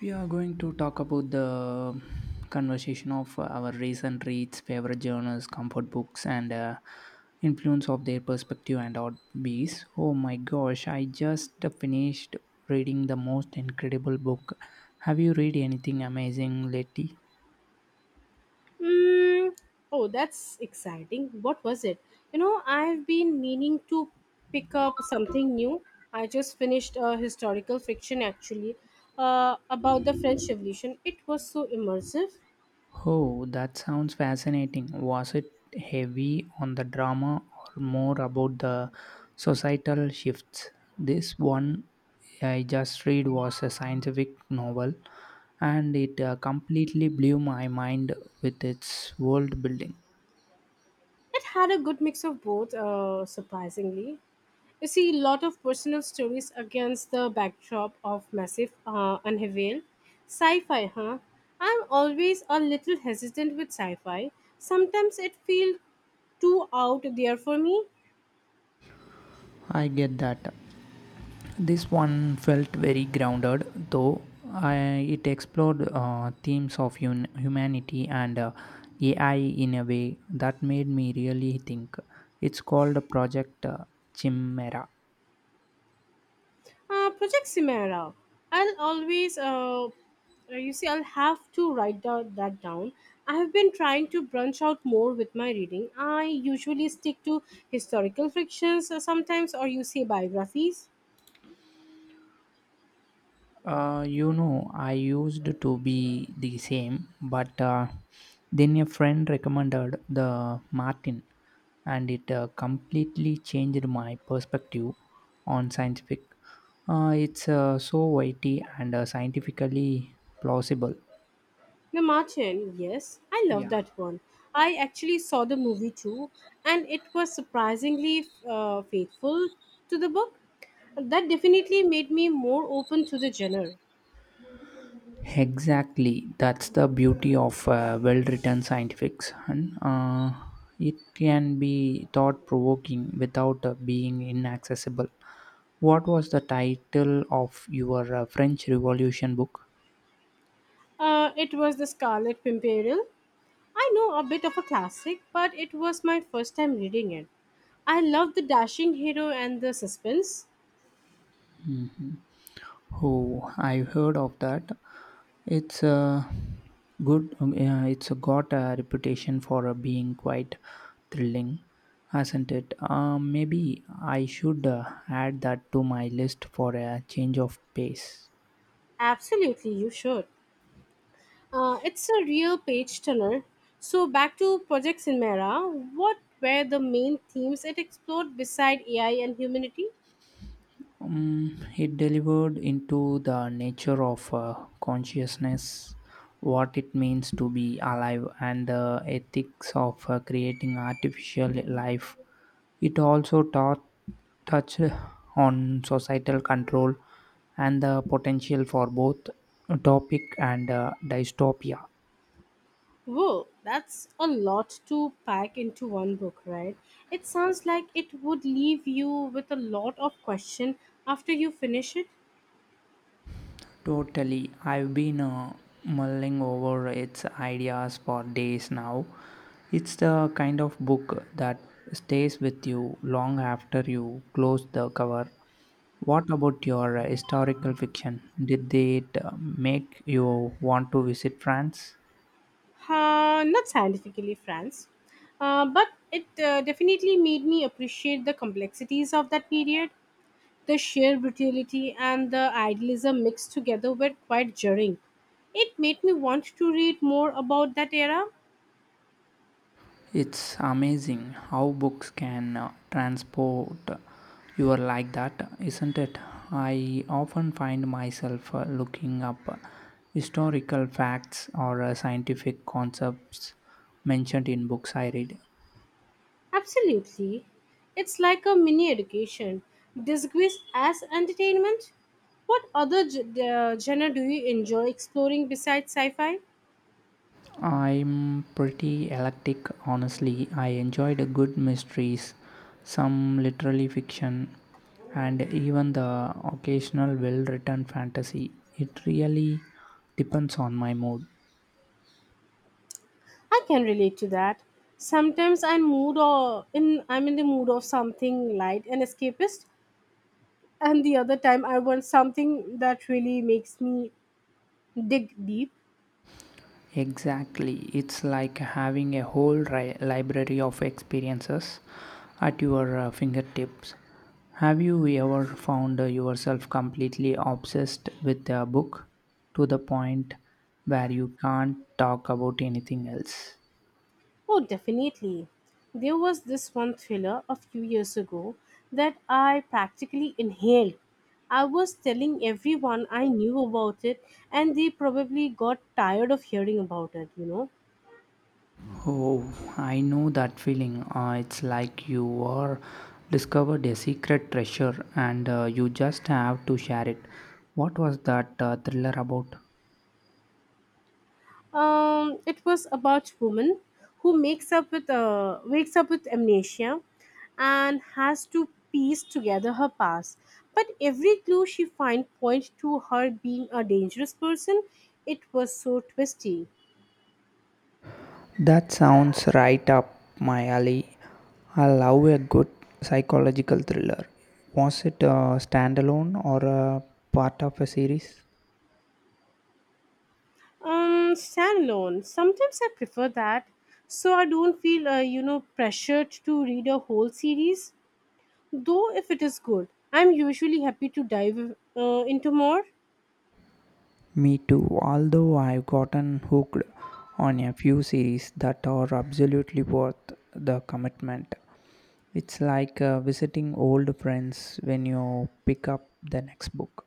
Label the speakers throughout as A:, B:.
A: We are going to talk about the conversation of our recent reads, favorite journals, comfort books, and influence of their perspective and hobbies. Oh my gosh, I just finished reading the most incredible book. Have you read anything amazing lately?
B: Mm, oh, that's exciting. What was it? I've been meaning to pick up something new. I just finished a historical fiction actually about the French Revolution. It was so immersive.
A: Oh, that sounds fascinating. Was it heavy on the drama or more about the societal shifts? This one I just read was a scientific novel and it completely blew my mind with its world building.
B: It had a good mix of both, surprisingly. You see a lot of personal stories against the backdrop of massive unveil. Sci fi, huh? I'm always a little hesitant with sci fi. Sometimes it feels too out there for me.
A: I get that. This one felt very grounded, though I, it explored themes of humanity and AI in a way that made me really think. It's called Project Chimera.
B: Project Chimera. I'll always, you see, I'll have to that down. I have been trying to branch out more with my reading. I usually stick to historical fictions sometimes, or you say biographies.
A: You know, I used to be the same, but then a friend recommended the Martin, and it completely changed my perspective on scientific. It's so weighty and scientifically plausible.
B: The Martian, yes, I love
A: Yeah.
B: that one. I actually saw the movie too, and it was surprisingly faithful to the book. That definitely made me more open to the genre.
A: Exactly, that's the beauty of well-written scientific fiction. It can be thought-provoking without being inaccessible. What was the title of your French Revolution book?
B: It was the Scarlet Pimpernel. I know a bit of a classic, but it was my first time reading it. I love the dashing hero and the suspense.
A: Hmm. Oh, I've heard of that. It's a good. Yeah, it's a got a reputation for being quite thrilling, hasn't it? Maybe I should add that to my list for a change of pace.
B: Absolutely, you should. It's a real page turner. So, back to Project Chimera, what were the main themes it explored beside AI and humanity?
A: It delivered into the nature of consciousness, what it means to be alive, and the ethics of creating artificial life. It also touched on societal control and the potential for both topic and dystopia.
B: Whoa, that's a lot to pack into one book, right? It sounds like it would leave you with a lot of question after you finish it.
A: Totally. I've been mulling over its ideas for days now. It's the kind of book that stays with you long after you close the cover. What about your historical fiction? Did it make you want to visit France?
B: Not scientifically, France, but it definitely made me appreciate the complexities of that period. The sheer brutality and the idealism mixed together were quite jarring. It made me want to read more about that era.
A: It's amazing how books can transport you like that, isn't it? I often find myself looking up historical facts or scientific concepts mentioned in books I read.
B: Absolutely. It's like a mini education, disguised as entertainment. What other genre do you enjoy exploring besides sci fi?
A: I'm pretty eclectic, honestly. I enjoyed good mysteries, some literary fiction, and even the occasional well written fantasy. It really depends on my mood.
B: I can relate to that. Sometimes I'm in the mood of something light and escapist, and the other time I want something that really makes me dig deep.
A: Exactly. It's like having a whole library of experiences at your fingertips. Have you ever found yourself completely obsessed with a book to the point where you can't talk about anything else?
B: Oh, definitely. There was this one thriller a few years ago that I practically inhaled. I was telling everyone I knew about it, and they probably got tired of hearing about it.
A: Oh, I know that feeling. It's like you are discovered a secret treasure and you just have to share it. What was that thriller about?
B: It was about woman who makes up with wakes up with amnesia, and has to piece together her past. But every clue she finds points to her being a dangerous person. It was so twisty.
A: That sounds right up my alley. I love a good psychological thriller. Was it a standalone or a part of a series?
B: Stand alone. Sometimes I prefer that, so I don't feel pressured to read a whole series. Though if it is good, I'm usually happy to dive into more.
A: Me too, although I've gotten hooked on a few series that are absolutely worth the commitment. It's like visiting old friends when you pick up the next book.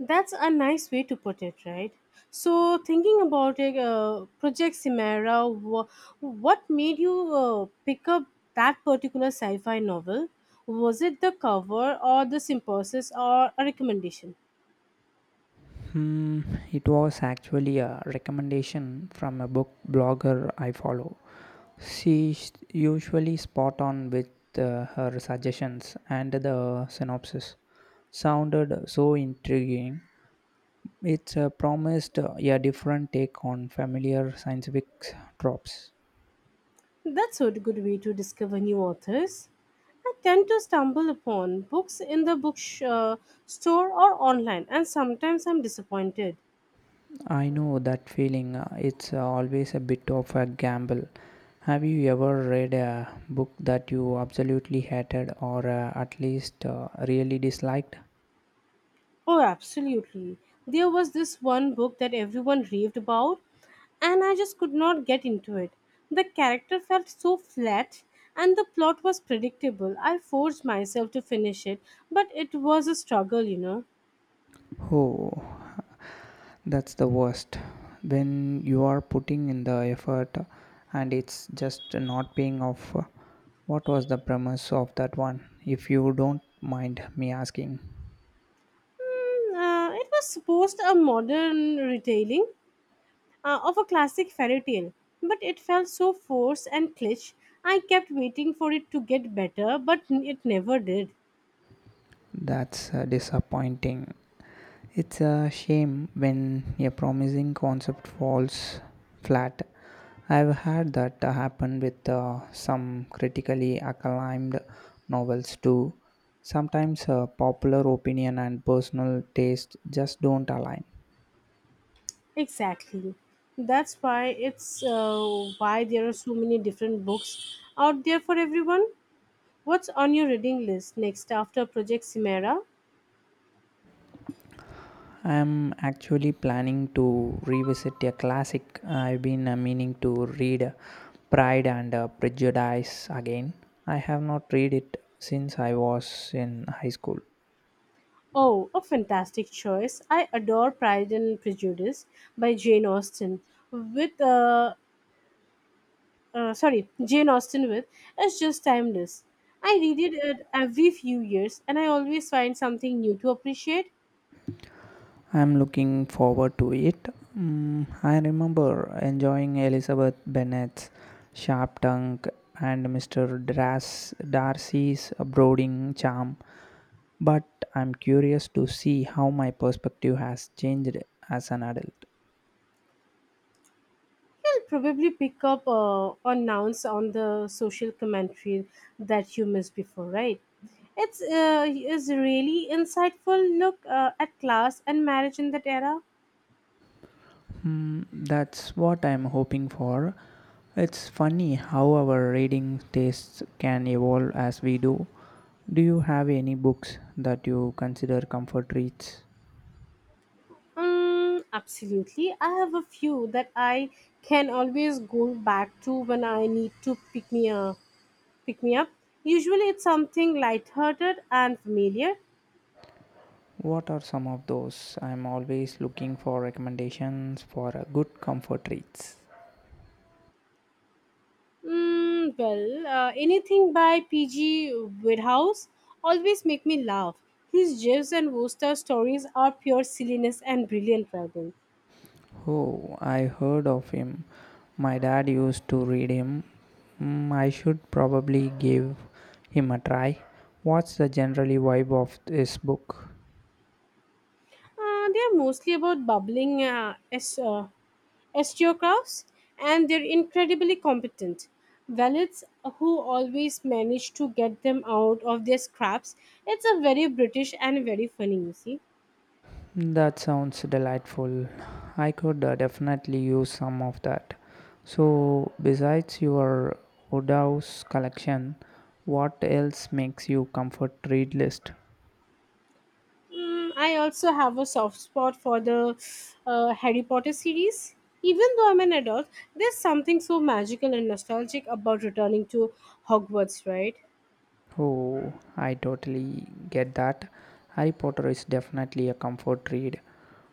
B: That's a nice way to put it, right? So, thinking about it, Project Chimera, what made you pick up that particular sci fi novel? Was it the cover or the synopsis or a recommendation?
A: Hmm, it was actually a recommendation from a book blogger I follow. She's usually spot on with her suggestions, and the synopsis sounded so intriguing. It promised a different take on familiar scientific tropes.
B: That's a good way to discover new authors. I tend to stumble upon books in the store or online, and sometimes I'm disappointed.
A: I know that feeling. It's always a bit of a gamble. Have you ever read a book that you absolutely hated or at least really disliked?
B: Oh, absolutely. There was this one book that everyone raved about, and I just could not get into it. The character felt so flat, and the plot was predictable. I forced myself to finish it, but it was a struggle.
A: Oh, that's the worst. When you are putting in the effort and it's just not paying off. What was the premise of that one? If you don't mind me asking.
B: It was supposed a modern retelling of a classic fairy tale, but it felt so forced and cliché. I kept waiting for it to get better, but it never did.
A: That's disappointing. It's a shame when a promising concept falls flat. I've had that happen with some critically acclaimed novels too. Sometimes popular opinion and personal taste just don't align.
B: Exactly. That's why there are so many different books out there for everyone. What's on your reading list next after Project Chimera?
A: I'm actually planning to revisit a classic I've been meaning to read, Pride and Prejudice, again. I have not read it since I was in high school.
B: Oh, a fantastic choice. I adore Pride and Prejudice by with uh, Jane Austen with it's just timeless. I read it at every few years and I always find something new to appreciate.
A: I'm looking forward to it. Mm, I remember enjoying Elizabeth Bennet's sharp tongue and Mr. Darcy's brooding charm, but I'm curious to see how my perspective has changed as an adult.
B: You'll probably pick up on nouns on the social commentary that you missed before, right? It's is really insightful look at class and marriage in that era.
A: Hmm, that's what I'm hoping for. It's funny how our reading tastes can evolve as we do. Do you have any books that you consider comfort reads?
B: Absolutely. I have a few that I can always go back to when I need to pick me up. Pick me up. Usually, it's something lighthearted and familiar.
A: What are some of those? I'm always looking for recommendations for a good comfort reads.
B: Anything by P.G. Woodhouse always make me laugh. His Jeeves and Wooster stories are pure silliness and brilliant writing.
A: Oh, I heard of him. My dad used to read him. Mm, I should probably give him a try. What's the generally vibe of this book?
B: They are mostly about bubbling osteographs, and they're incredibly competent. Valets who always manage to get them out of their scraps. It's a very British and very funny, you see.
A: That sounds delightful. I could definitely use some of that. So, besides your Woodhouse collection, what else makes you comfort read list?
B: Mm, I also have a soft spot for the Harry Potter series. Even though I'm an adult, there's something so magical and nostalgic about returning to Hogwarts, right?
A: Oh, I totally get that. Harry Potter is definitely a comfort read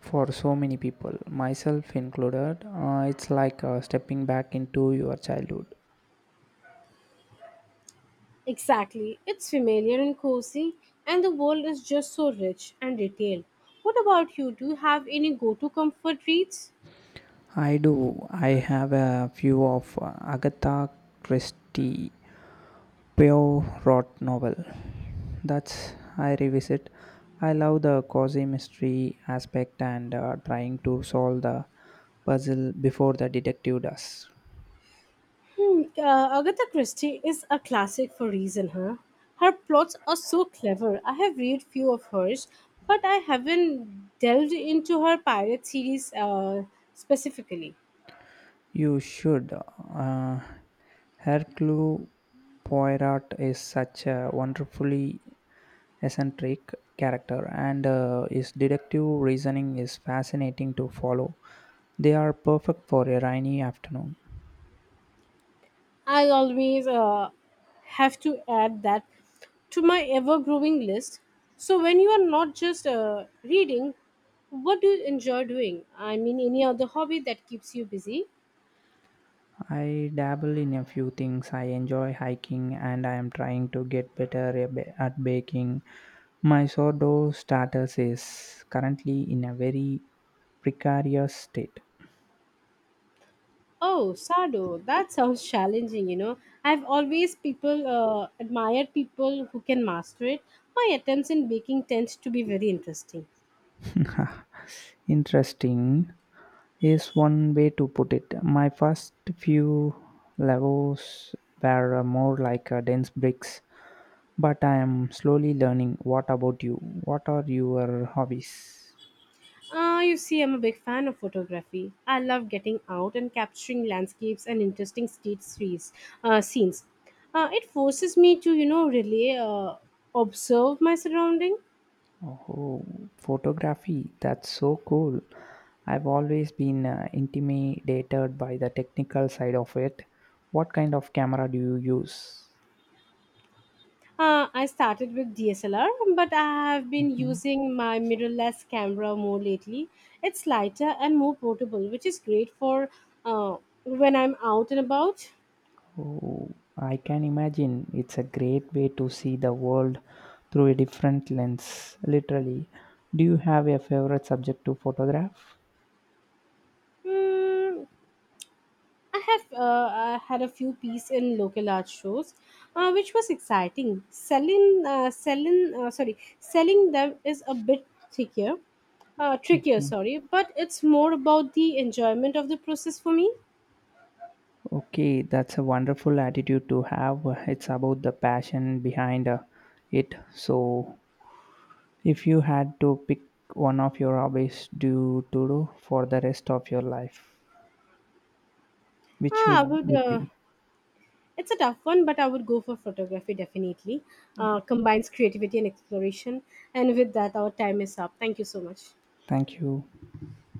A: for so many people, myself included. It's like stepping back into your childhood.
B: Exactly. It's familiar and cozy, and the world is just so rich and detailed. What about you? Do you have any go to comfort reads?
A: I do. I have a few of Agatha Christie Poirot novel. That's I revisit. I love the cozy mystery aspect and trying to solve the puzzle before the detective does.
B: Agatha Christie is a classic for reason, huh? Her plots are so clever. I have read few of hers, but I haven't delved into her pirate series specifically.
A: You should. Uh, Hercule Poirot is such a wonderfully eccentric character, and his deductive reasoning is fascinating to follow. They are perfect for a rainy afternoon.
B: I always have to add that to my ever-growing list. So when you are not just reading, what do you enjoy doing? I mean, any other hobby that keeps you busy?
A: I dabble in a few things. I enjoy hiking and I am trying to get better a at baking. My sourdough starters is currently in a very precarious state.
B: Oh, Sado, that sounds challenging. I've always people admired people who can master it. My attempts in baking tend to be very interesting.
A: Interesting is one way to put it. My first few levels were more like dense bricks, but I am slowly learning. What about you? What are your hobbies?
B: I'm a big fan of photography. I love getting out and capturing landscapes and interesting street scenes. Uh, scenes. It forces me to, really observe my surrounding.
A: Oh, photography, that's so cool. I've always been intimidated by the technical side of it. What kind of camera do you use?
B: I started with DSLR, but I have been
A: Mhm.
B: using my mirrorless camera more lately. It's lighter and more portable, which is great for uh, when I'm out and about.
A: Oh, I can imagine it's a great way to see the world through a different lens, literally. Do you have a favorite subject to photograph?
B: Mm, I have I had a few pieces in local art shows, which was exciting. Selling them is a bit trickier, trickier, but it's more about the enjoyment of the process for me.
A: Okay, that's a wonderful attitude to have. It's about the passion behind it. So, if you had to pick one of your hobbies do to do for the rest of your life, which
B: Ah, I
A: would
B: would.
A: it be?
B: It's a tough one, but I would go for photography definitely. Combines creativity and exploration. And with that, our time is up. Thank you so much.
A: Thank you.